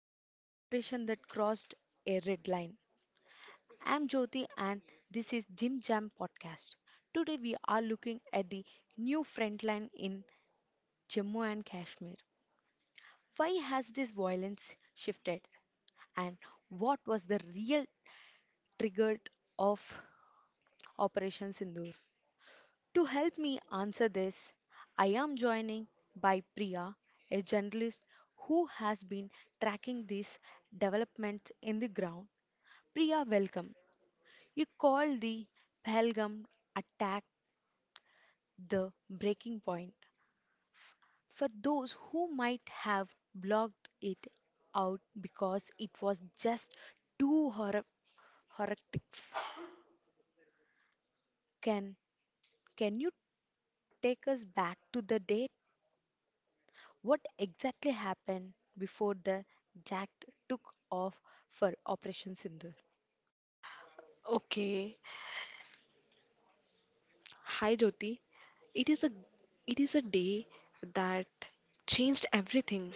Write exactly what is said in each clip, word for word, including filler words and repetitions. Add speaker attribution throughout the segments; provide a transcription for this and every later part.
Speaker 1: a military operation that crossed a red line. I'm Jyoti and this is Jim Jam Podcast. Today we are looking at the new front line in Jammu and Kashmir. Why has this violence shifted and what was the real trigger of Operation Sindoor? To help me answer this, I am joining by Priya, a journalist who has been tracking these developments in the ground. Priya, welcome. You called the Pahalgam attack the breaking point. For those who might have blocked it out because it was just too horror- horrific, can can you take us back to the date? What exactly happened before the Jack took off for Operation Sindur?
Speaker 2: Okay. Hi, Jyoti. It is a it is a day that changed everything.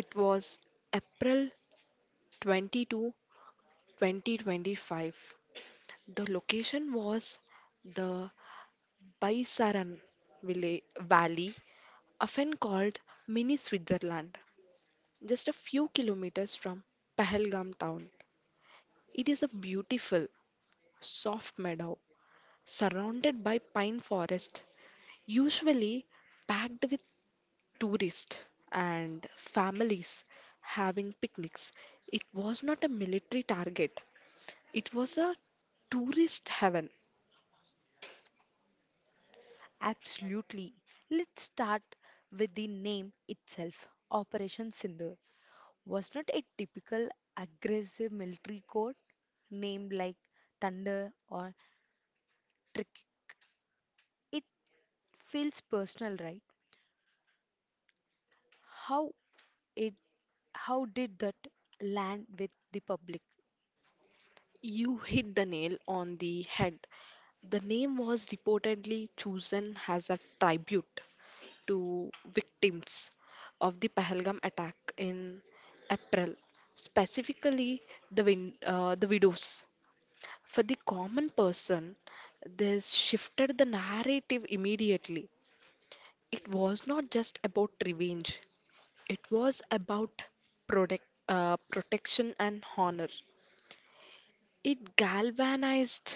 Speaker 2: It was April twenty-second, twenty twenty-five. The location was the Baisaran Villa- Valley, often called Mini Switzerland, just a few kilometers from Pahalgam town. It is a beautiful, soft meadow surrounded by pine forest, usually packed with tourists and families having picnics. It was not a military target, it was a tourist heaven.
Speaker 1: Absolutely. Let's start with the name itself, Operation Sindur. Was not a typical aggressive military code named like thunder or trick. It feels personal, right? How it how did that land with the public?
Speaker 2: You hit the nail on the head. The name was reportedly chosen as a tribute to victims of the Pahalgam attack in April, specifically the, win- uh, the widows. For the common person, this shifted the narrative immediately. It was not just about revenge, it was about protect, uh, protection and honor. It galvanized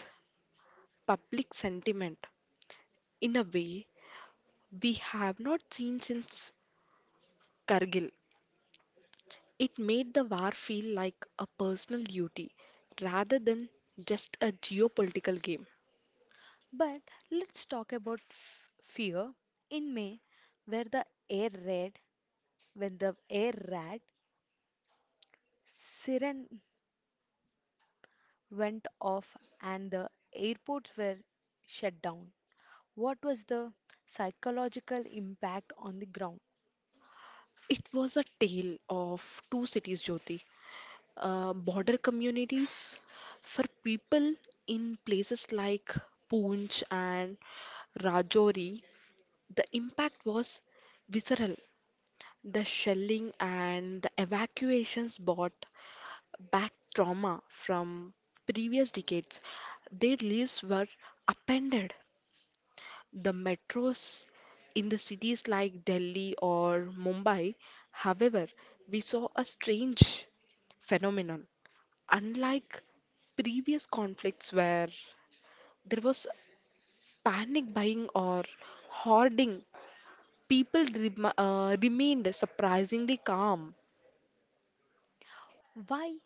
Speaker 2: public sentiment in a way we have not seen since Kargil. It made the war feel like a personal duty rather than just a geopolitical game.
Speaker 1: But let's talk about f- fear. In May, where the air raid, when the air raid siren went off and the airports were shut down, what was the psychological impact on the ground?
Speaker 2: It was a tale of two cities, Jyoti. Uh, border communities for people in places like Poonch and Rajouri, the impact was visceral. The shelling and the evacuations brought back trauma from previous decades. Their lives were upended. The metros in the cities like Delhi or Mumbai, however, we saw a strange phenomenon unlike previous conflicts where there was panic buying or hoarding, people rem- uh, remained surprisingly calm.
Speaker 1: Why?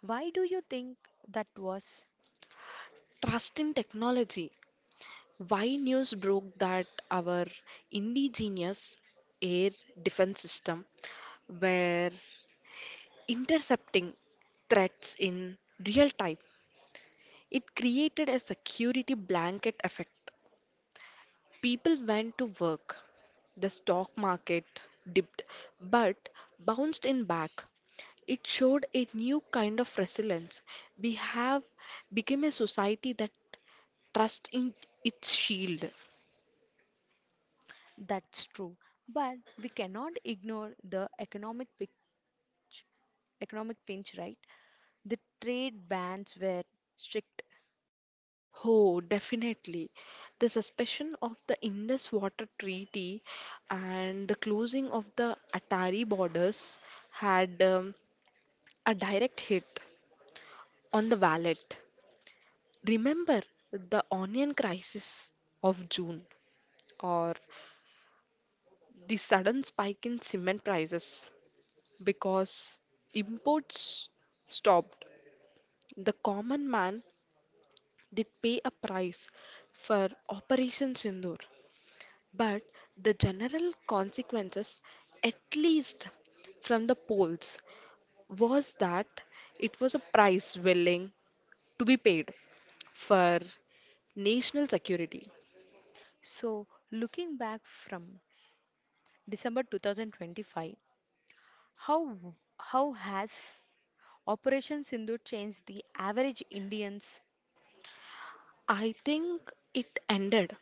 Speaker 1: Why do you think that was?
Speaker 2: Trust in technology. Why news broke that our indigenous air defense system were intercepting threats in real time. It created a security blanket effect. People went to work. The stock market dipped but bounced in back. It showed a new kind of resilience. We have become a society that trusts in its shield.
Speaker 1: That's true. But we cannot ignore the economic pinch. economic pinch, right? The trade bans were strict.
Speaker 2: Oh, definitely. The suspension of the Indus Water Treaty and the closing of the Atari borders had um, a direct hit on the wallet. Remember the onion crisis of June or the sudden spike in cement prices because imports stopped. The common man did pay a price for Operation Sindoor, but the general consequences, at least from the polls, was that it was a price willing to be paid for national security.
Speaker 1: So looking back from December twenty twenty-five, how how has Operation Sindhu changed the average Indians?
Speaker 2: I think it ended.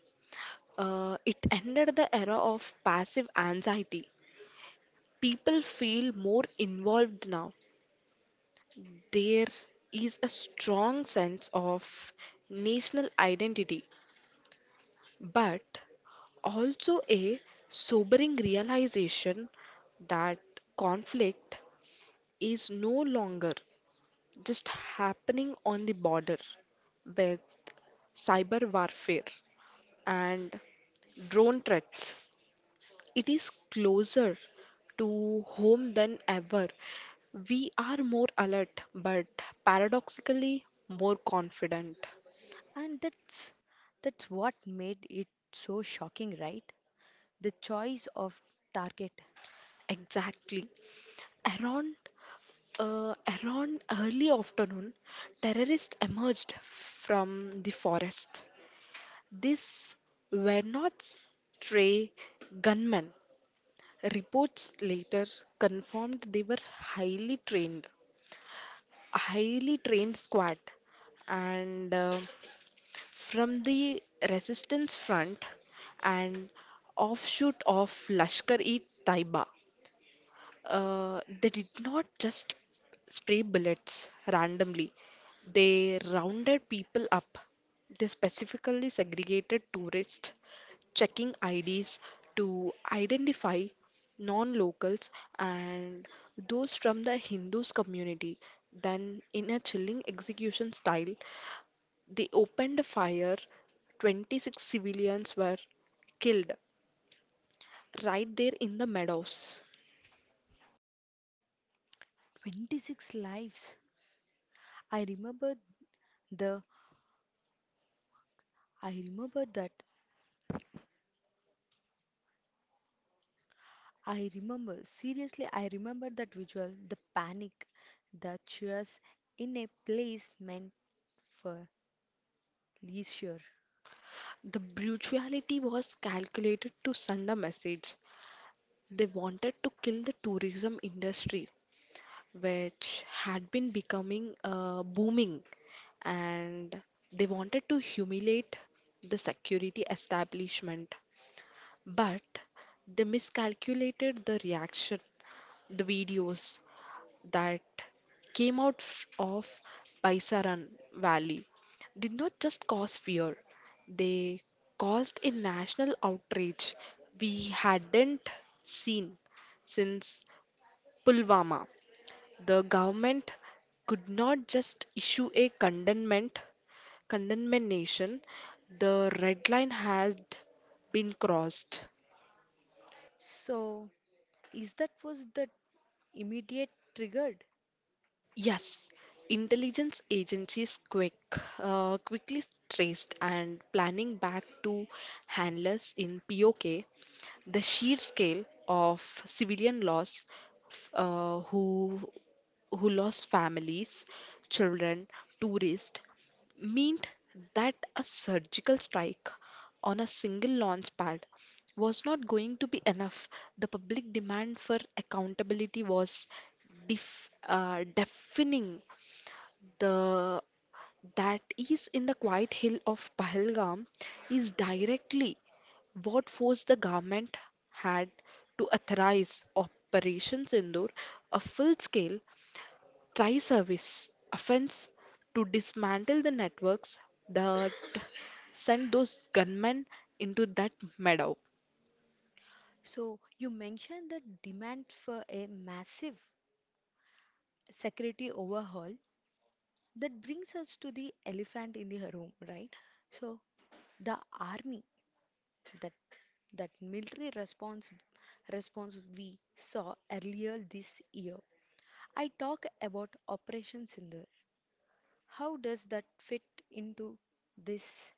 Speaker 2: Uh, it ended the era of passive anxiety. People feel more involved now. There is a strong sense of national identity, but also a sobering realization that conflict is no longer just happening on the border with cyber warfare and drone threats. It is closer to home than ever. We are more alert, but paradoxically more confident.
Speaker 1: And that's that's what made it so shocking, right? The choice of target.
Speaker 2: Exactly. Around uh, around early afternoon, terrorists emerged from the forest. These were not stray gunmen. Reports later confirmed they were highly trained, highly trained squad, and uh, from the resistance front and offshoot of Lashkar-e-Taiba. Uh, they did not just spray bullets randomly. They rounded people up. They specifically segregated tourists, checking I Ds to identify non-locals and those from the Hindus community. Then, in a chilling execution style, they opened fire. twenty-six civilians were killed right there in the meadows.
Speaker 1: twenty-six lives. I remember. The I remember that. I remember. Seriously, I remember that visual. The panic. The cheers in a place meant for leisure.
Speaker 2: The brutality was calculated to send a message. They wanted to kill the tourism industry, which had been becoming uh, booming, and they wanted to humiliate the security establishment. But they miscalculated the reaction. The videos that came out f- of Baisaran Valley did not just cause fear, they caused a national outrage we hadn't seen since Pulwama. The government could not just issue a condemnment condemnation. The red line had been crossed.
Speaker 1: So, is that was the immediate triggered?
Speaker 2: Yes, intelligence agencies quick, uh, quickly traced and planning back to handlers in P O K. The sheer scale of civilian loss, f- uh, who who lost families, children, tourists, meant that a surgical strike on a single launch pad was not going to be enough. The public demand for accountability was def- uh, deafening. The that is in the quiet hill of Pahalgam is directly what force the government had to authorize Operation Sindoor, a full scale Try service offense to dismantle the networks that sent those gunmen into that meadow.
Speaker 1: So, you mentioned the demand for a massive security overhaul. That brings us to the elephant in the room, right? So, the army. That that military response response we saw earlier this year. I talk about Operation Sindhu. How does that fit into this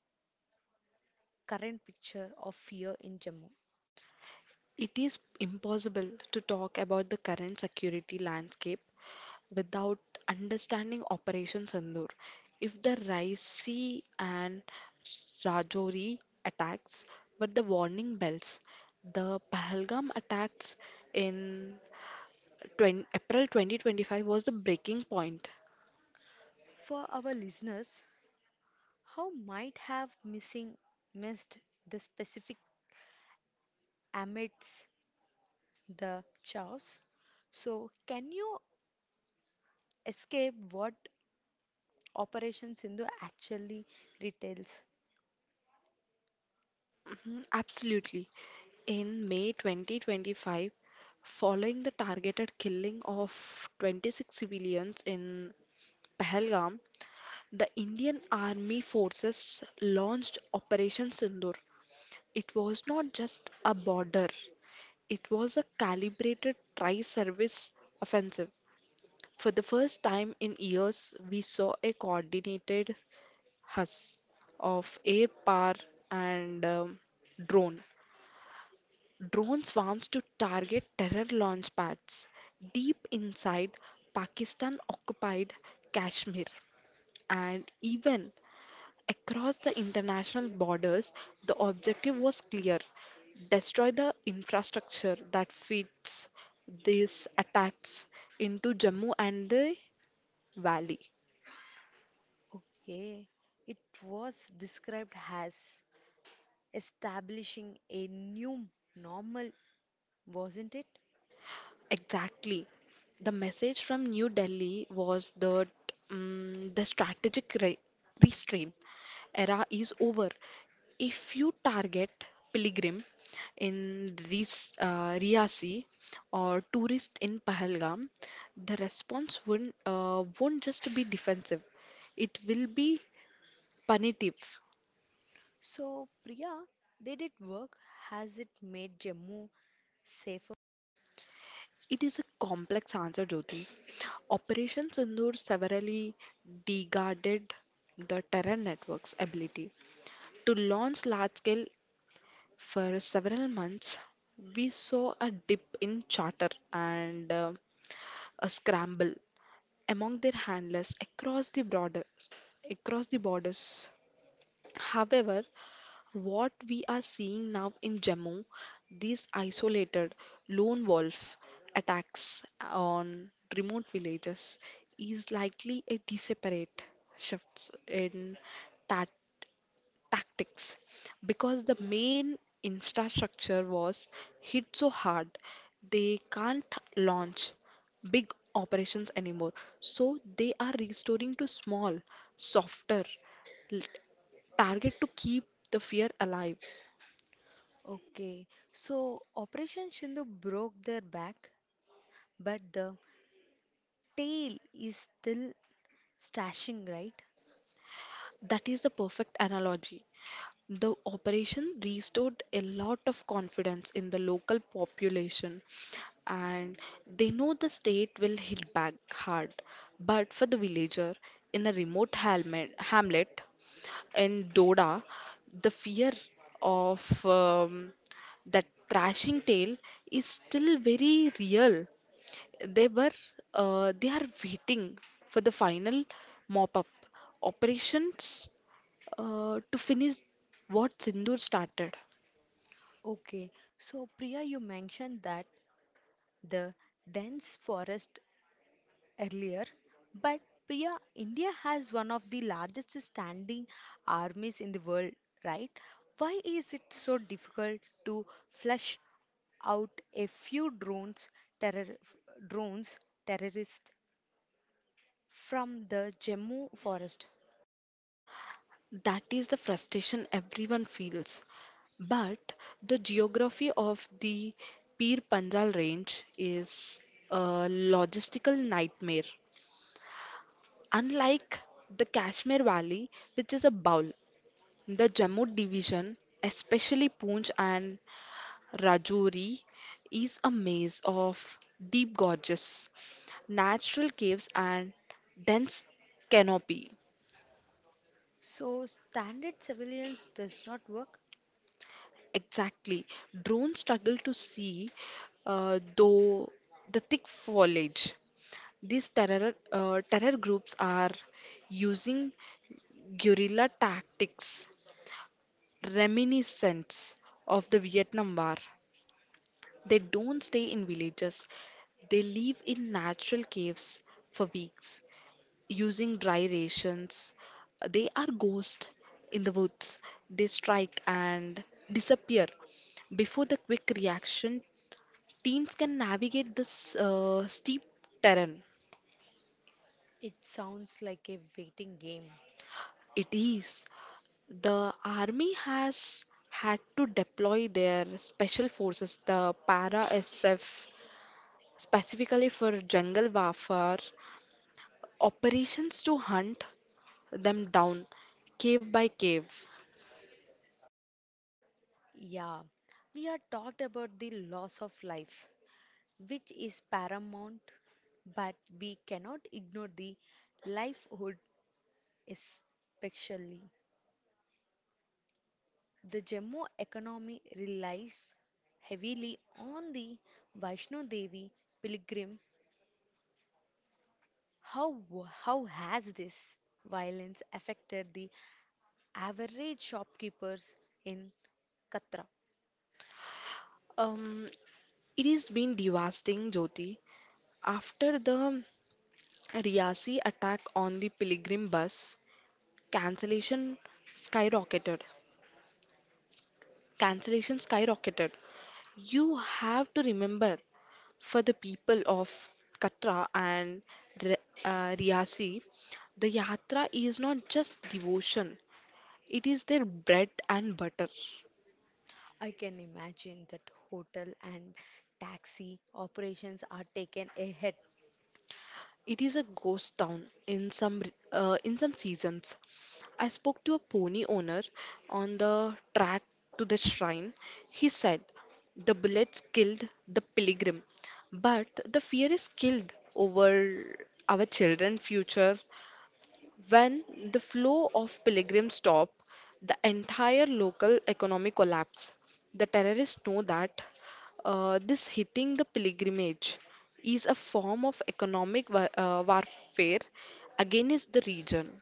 Speaker 1: current picture of fear in Jammu?
Speaker 2: It is impossible to talk about the current security landscape without understanding Operation Sindoor. If the Raisi and Rajouri attacks were the warning bells, the Pahalgam attacks in twenty April twenty twenty-five was the breaking point.
Speaker 1: For our listeners, how might have missing missed the specific amidst the chaos? So, can you escape what Operation Sindhu actually retails?
Speaker 2: Mm, absolutely. In May twenty twenty-five, following the targeted killing of twenty-six civilians in Pahalgam, the Indian Army forces launched Operation Sindoor. It was not just a border, it was a calibrated tri service offensive. For the first time in years, we saw a coordinated huss of air power and um, drone drone swarms to target terror launch pads deep inside Pakistan occupied Kashmir and even across the international borders. The objective was clear: destroy the infrastructure that feeds these attacks into Jammu and the valley.
Speaker 1: Okay, it was described as establishing a new normal, wasn't it?
Speaker 2: Exactly. The message from New Delhi was that mm the strategic re restraint era is over. If you target pilgrim in Ris uh, Riyasi or tourist in Pahalgam, the response won't, uh, won't just be defensive. It will be punitive.
Speaker 1: So, Priya, did it work? Has it made Jammu safer?
Speaker 2: It is a complex answer, Jyoti. Operation Sindoor severely degraded the terror network's ability to launch large scale for several months. We saw a dip in charter and uh, a scramble among their handlers across the border, across the borders. However, what we are seeing now in Jammu, these isolated lone wolf attacks on remote villages, is likely a disparate shifts in ta- tactics because the main infrastructure was hit so hard they can't launch big operations anymore. So they are restoring to small, softer l- target to keep the fear alive.
Speaker 1: Okay, so Operation Shindu broke their back, but the tail is still stashing, right?
Speaker 2: That is the perfect analogy. The operation restored a lot of confidence in the local population, and they know the state will hit back hard. But for the villager in a remote hamlet, hamlet in Doda, the fear of um, that thrashing tail is still very real. They were uh, they are waiting for the final mop up operations uh, to finish what Sindhur started.
Speaker 1: Okay, so Priya, you mentioned that the dense forest earlier, but Priya, India has one of the largest standing armies in the world, right? Why is it so difficult to flush out a few drones, terror, drones terrorists from the Jammu forest?
Speaker 2: That is the frustration everyone feels. But the geography of the Pir Panjal range is a logistical nightmare. Unlike the Kashmir Valley, which is a bowl, the Jammu division, especially Poonch and Rajouri is a maze of deep gorges, natural caves, and dense canopy.
Speaker 1: So standard civilians does not work.
Speaker 2: Exactly. Drones struggle to see, uh, though, the thick foliage. These terror, uh, terror groups are using guerrilla tactics reminiscent of the Vietnam War. They don't stay in villages, they live in natural caves for weeks, using dry rations. They are ghosts in the woods. They strike and disappear. Before the quick reaction, teams can navigate this uh, steep terrain.
Speaker 1: It sounds like a waiting game.
Speaker 2: It is. The army has had to deploy their special forces, the para S F, specifically for jungle warfare operations to hunt them down cave by cave.
Speaker 1: Yeah, we are talked about the loss of life, which is paramount, but we cannot ignore the livelihood, especially. The Jammu economy relies heavily on the Vaishno Devi pilgrim. How, how has this violence affected the average shopkeepers in Katra?
Speaker 2: Um, It has been devastating, Jyoti. After the Riyasi attack on the pilgrim bus, cancellation skyrocketed. Cancellation skyrocketed. You have to remember for the people of Katra and Re- uh, Riyasi, the yatra is not just devotion, it is their bread and butter.
Speaker 1: I can imagine that hotel and taxi operations are taken ahead.
Speaker 2: It is a ghost town in some re- uh, in some seasons. I spoke to a pony owner on the track to the shrine. He said the bullets killed the pilgrim, but the fear is killed over our children's future. When the flow of pilgrims stop, the entire local economy collapse. The terrorists know that uh, this hitting the pilgrimage is a form of economic wa- uh, warfare against the region.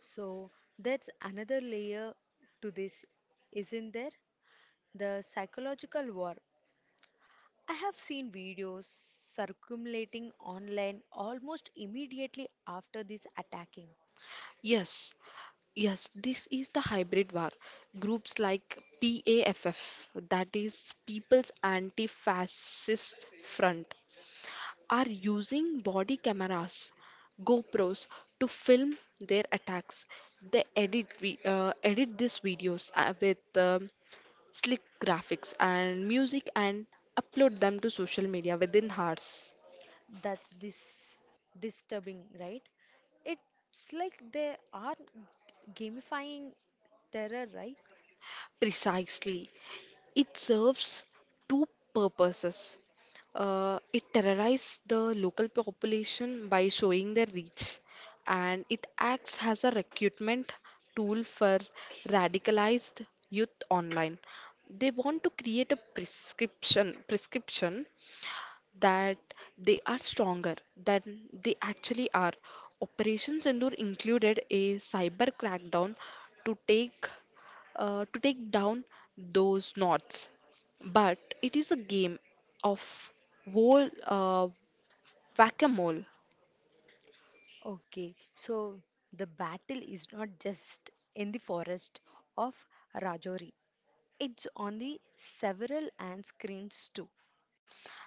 Speaker 1: So that's another layer to this, isn't there? The psychological war. I have seen videos circulating online almost immediately after this attacking.
Speaker 2: Yes, yes, this is the hybrid war. Groups like PAFF, that is People's Anti-Fascist Front, are using body cameras, GoPros, to film their attacks. They edit vi- uh, edit these videos uh, with um, slick graphics and music and upload them to social media within hours.
Speaker 1: That's dis- disturbing, right? It's like they are gamifying terror, right?
Speaker 2: Precisely. It serves two purposes. Uh, it terrorizes the local population by showing their reach, and it acts as a recruitment tool for radicalized youth online. They want to create a prescription prescription that they are stronger than they actually are. Operation Sindoor included a cyber crackdown to take uh, to take down those knots. But it is a game of wall uh, whack-a-mole.
Speaker 1: Okay, so the battle is not just in the forest of Rajouri. It's on the several and screens too.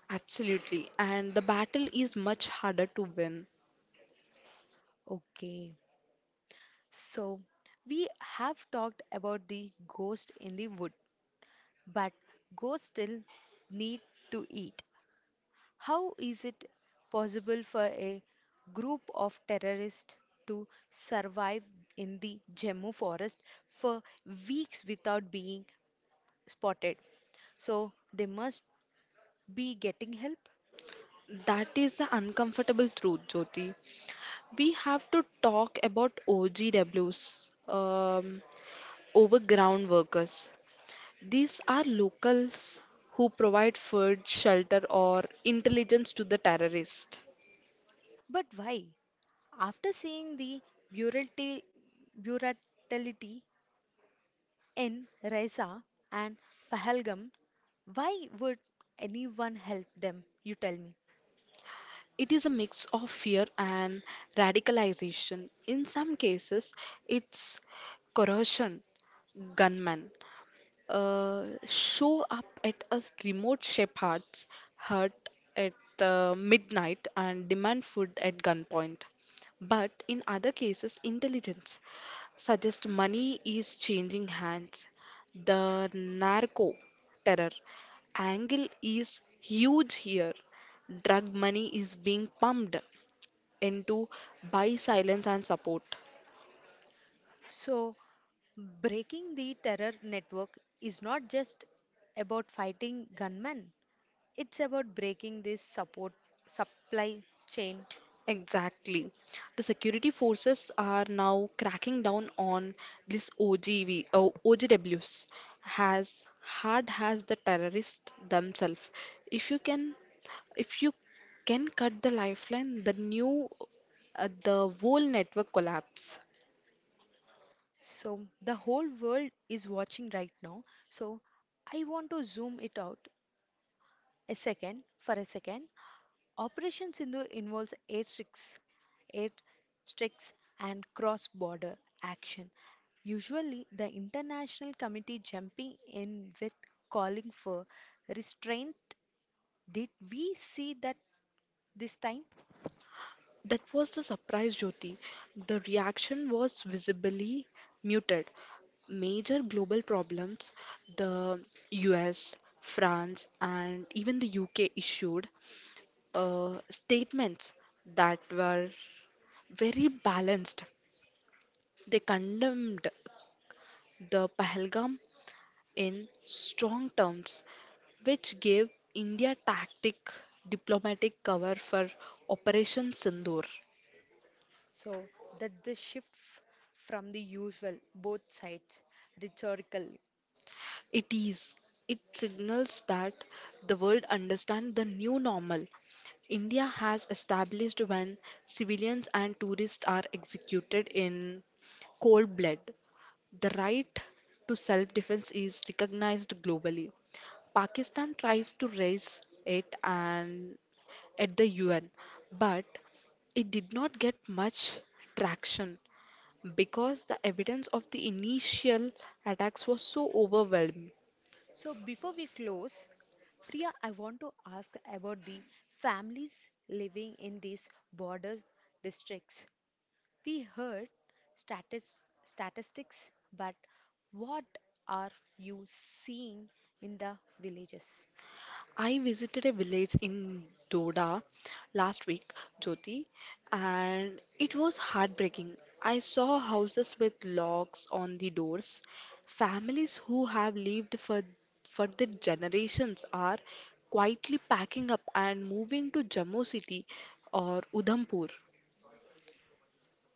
Speaker 2: Absolutely. And the battle is much harder to win.
Speaker 1: Okay, so we have talked about the ghost in the wood, but ghosts still need to eat. How is it possible for a group of terrorists to survive in the Jammu forest for weeks without being spotted? So they must be getting help.
Speaker 2: That is the uncomfortable truth, Jyoti. We have to talk about O G Ws, um, overground workers. These are locals who provide food, shelter, or intelligence to the terrorists.
Speaker 1: But why? After seeing the brutality, brutality in Reza and Pahalgam, why would anyone help them, you tell me?
Speaker 2: It is a mix of fear and radicalization. In some cases, it's coercion: gunmen uh, show up at a remote shepherd's hut at uh, midnight and demand food at gunpoint. But in other cases, intelligence suggests money is changing hands. The narco terror angle is huge here. Drug money is being pumped into buy silence and support.
Speaker 1: So, breaking the terror network is not just about fighting gunmen, it's about breaking this support supply chain.
Speaker 2: Exactly. The security forces are now cracking down on this O G V, oh, O G Ws has hard has the terrorists themselves. If you can, if you can cut the lifeline, the new, uh, the whole network collapse.
Speaker 1: So, the whole world is watching right now. So, I want to zoom it out a second for a second. Operation Sindhu involves airstrikes, airstrikes and cross-border action. Usually, the international committee jumping in with calling for restraint. Did we see that this time?
Speaker 2: That was the surprise, Jyoti. The reaction was visibly muted. Major global problems, the U S, France, and even the U K issued uh, statements that were very balanced. They condemned the Pahalgam in strong terms, which gave India tactic diplomatic cover for Operation Sindoor.
Speaker 1: So that the shift f- from the usual both sides rhetorically.
Speaker 2: It is. It signals that the world understands the new normal. India has established when civilians and tourists are executed in cold blood, the right to self defense is recognized globally. Pakistan tries to raise it and at the U N, but it did not get much traction because the evidence of the initial attacks was so overwhelming.
Speaker 1: So before we close, Priya, I want to ask about the families living in these border districts. We heard statis- statistics, but what are you seeing in the villages?
Speaker 2: I visited a village in Doda last week, Jyoti, and it was heartbreaking. I saw houses with locks on the doors. Families who have lived for for their generations are quietly packing up and moving to Jammu city or Udhampur.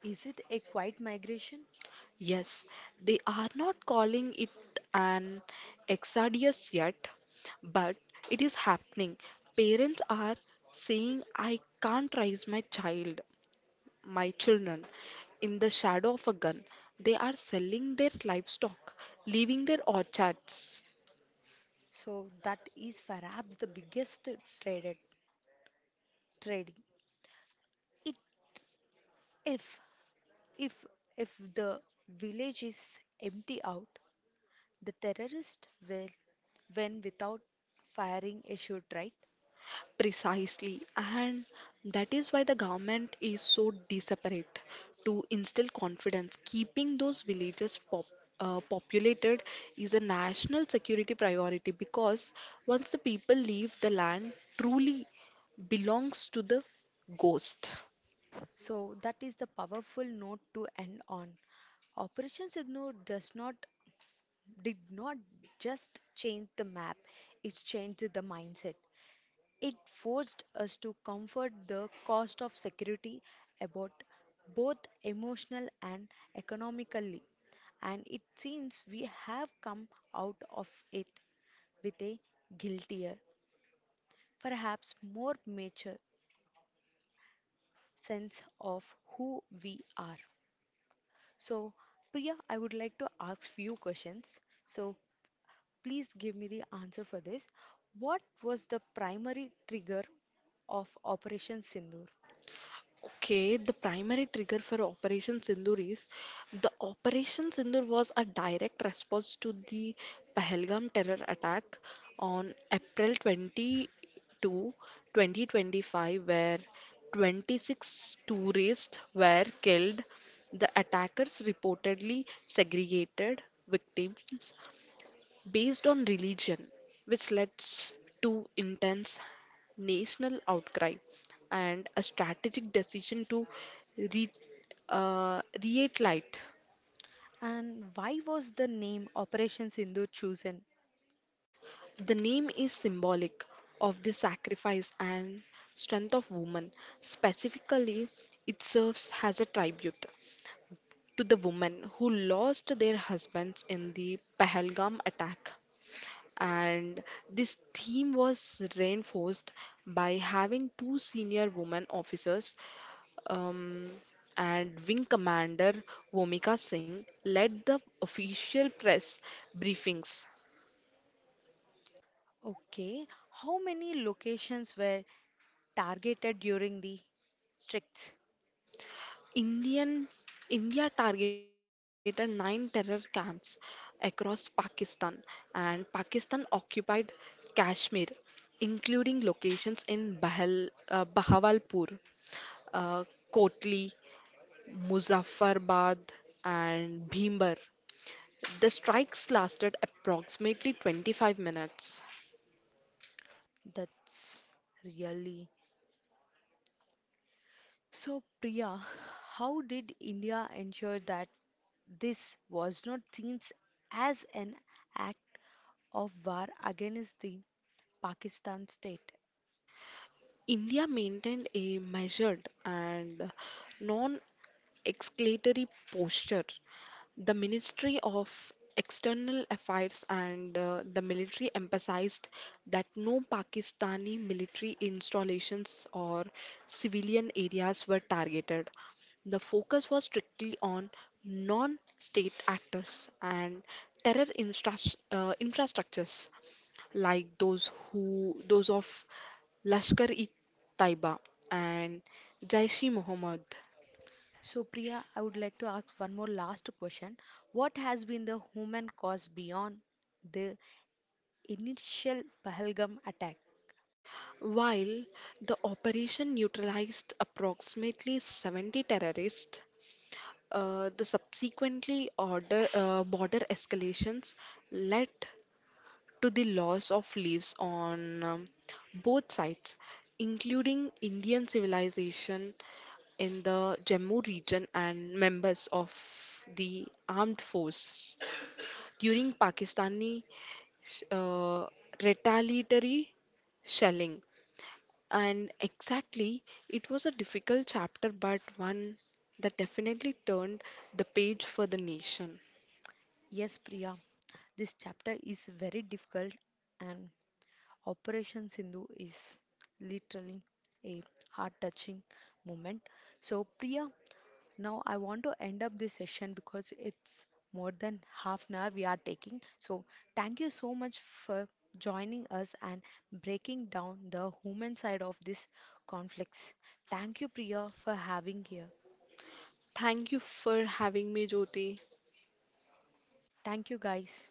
Speaker 1: Is it a quiet migration?
Speaker 2: Yes, they are not calling it an exodus yet, but it is happening. Parents are saying, "I can't raise my child, my children, in the shadow of a gun." They are selling their livestock, leaving their orchards.
Speaker 1: So that is perhaps the biggest traded trading. It if if If the village is empty out, the terrorist will when without firing a shot, right?
Speaker 2: Precisely, and that is why the government is so desperate to instill confidence. Keeping those villages pop, uh, populated is a national security priority because once the people leave, the land truly belongs to the ghost.
Speaker 1: So that is the powerful note to end on. Operation Signal does not did not just change the map, it changed the mindset. It forced us to comfort the cost of security about both emotional and economically. And it seems we have come out of it with a guiltier, perhaps more mature sense of who we are. So, Priya, I would like to ask few questions. So, please give me the answer for this. What was the primary trigger of Operation Sindoor?
Speaker 2: Okay, the primary trigger for Operation Sindoor is the Operation Sindoor was a direct response to the Pahalgam terror attack on April twenty-second, twenty twenty-five, where twenty-six tourists were killed. The attackers reportedly segregated victims based on religion, which led to intense national outcry and a strategic decision to re- uh, reate light.
Speaker 1: And why was the name Operation Sindoor chosen?
Speaker 2: The name is symbolic of the sacrifice and strength of woman. Specifically, it serves as a tribute to the women who lost their husbands in the Pahalgam attack. And this theme was reinforced by having two senior women officers um, and Wing Commander Vomika Singh led the official press briefings.
Speaker 1: Okay, how many locations were targeted during the strikes?
Speaker 2: Indian India targeted nine terror camps across Pakistan, and Pakistan occupied Kashmir, including locations in Bahal, uh, Bahawalpur, uh, Kotli, Muzaffarabad, and Bhimber. The strikes lasted approximately twenty-five minutes.
Speaker 1: That's really. So, Priya, how did India ensure that this was not seen as an act of war against the Pakistan state?
Speaker 2: India maintained a measured and non exclatory posture. The Ministry of External Affairs and uh, the military emphasized that no Pakistani military installations or civilian areas were targeted. The focus was strictly on non state actors and terror instras- uh, infrastructures like those who those of Lashkar-e-Taiba and Jaish-e-Mohammed.
Speaker 1: So, Priya, I would like to ask one more last question. What has been the human cost beyond the initial Pahalgam attack?
Speaker 2: While the operation neutralized approximately seventy terrorists, uh, the subsequently order, uh, border escalations led to the loss of leaves on um, both sides, including Indian civilization in the Jammu region and members of the armed forces during Pakistani sh- uh, retaliatory shelling. And exactly, it was a difficult chapter, but one that definitely turned the page for the nation.
Speaker 1: Yes, Priya, this chapter is very difficult, and Operation Sindhu is literally a heart touching moment. So, Priya, now I want to end up this session because it's more than half an hour we are taking. So thank you so much for joining us and breaking down the human side of these conflicts. Thank you Priya for having here.
Speaker 2: Thank you for having me, Jyoti.
Speaker 1: Thank you guys.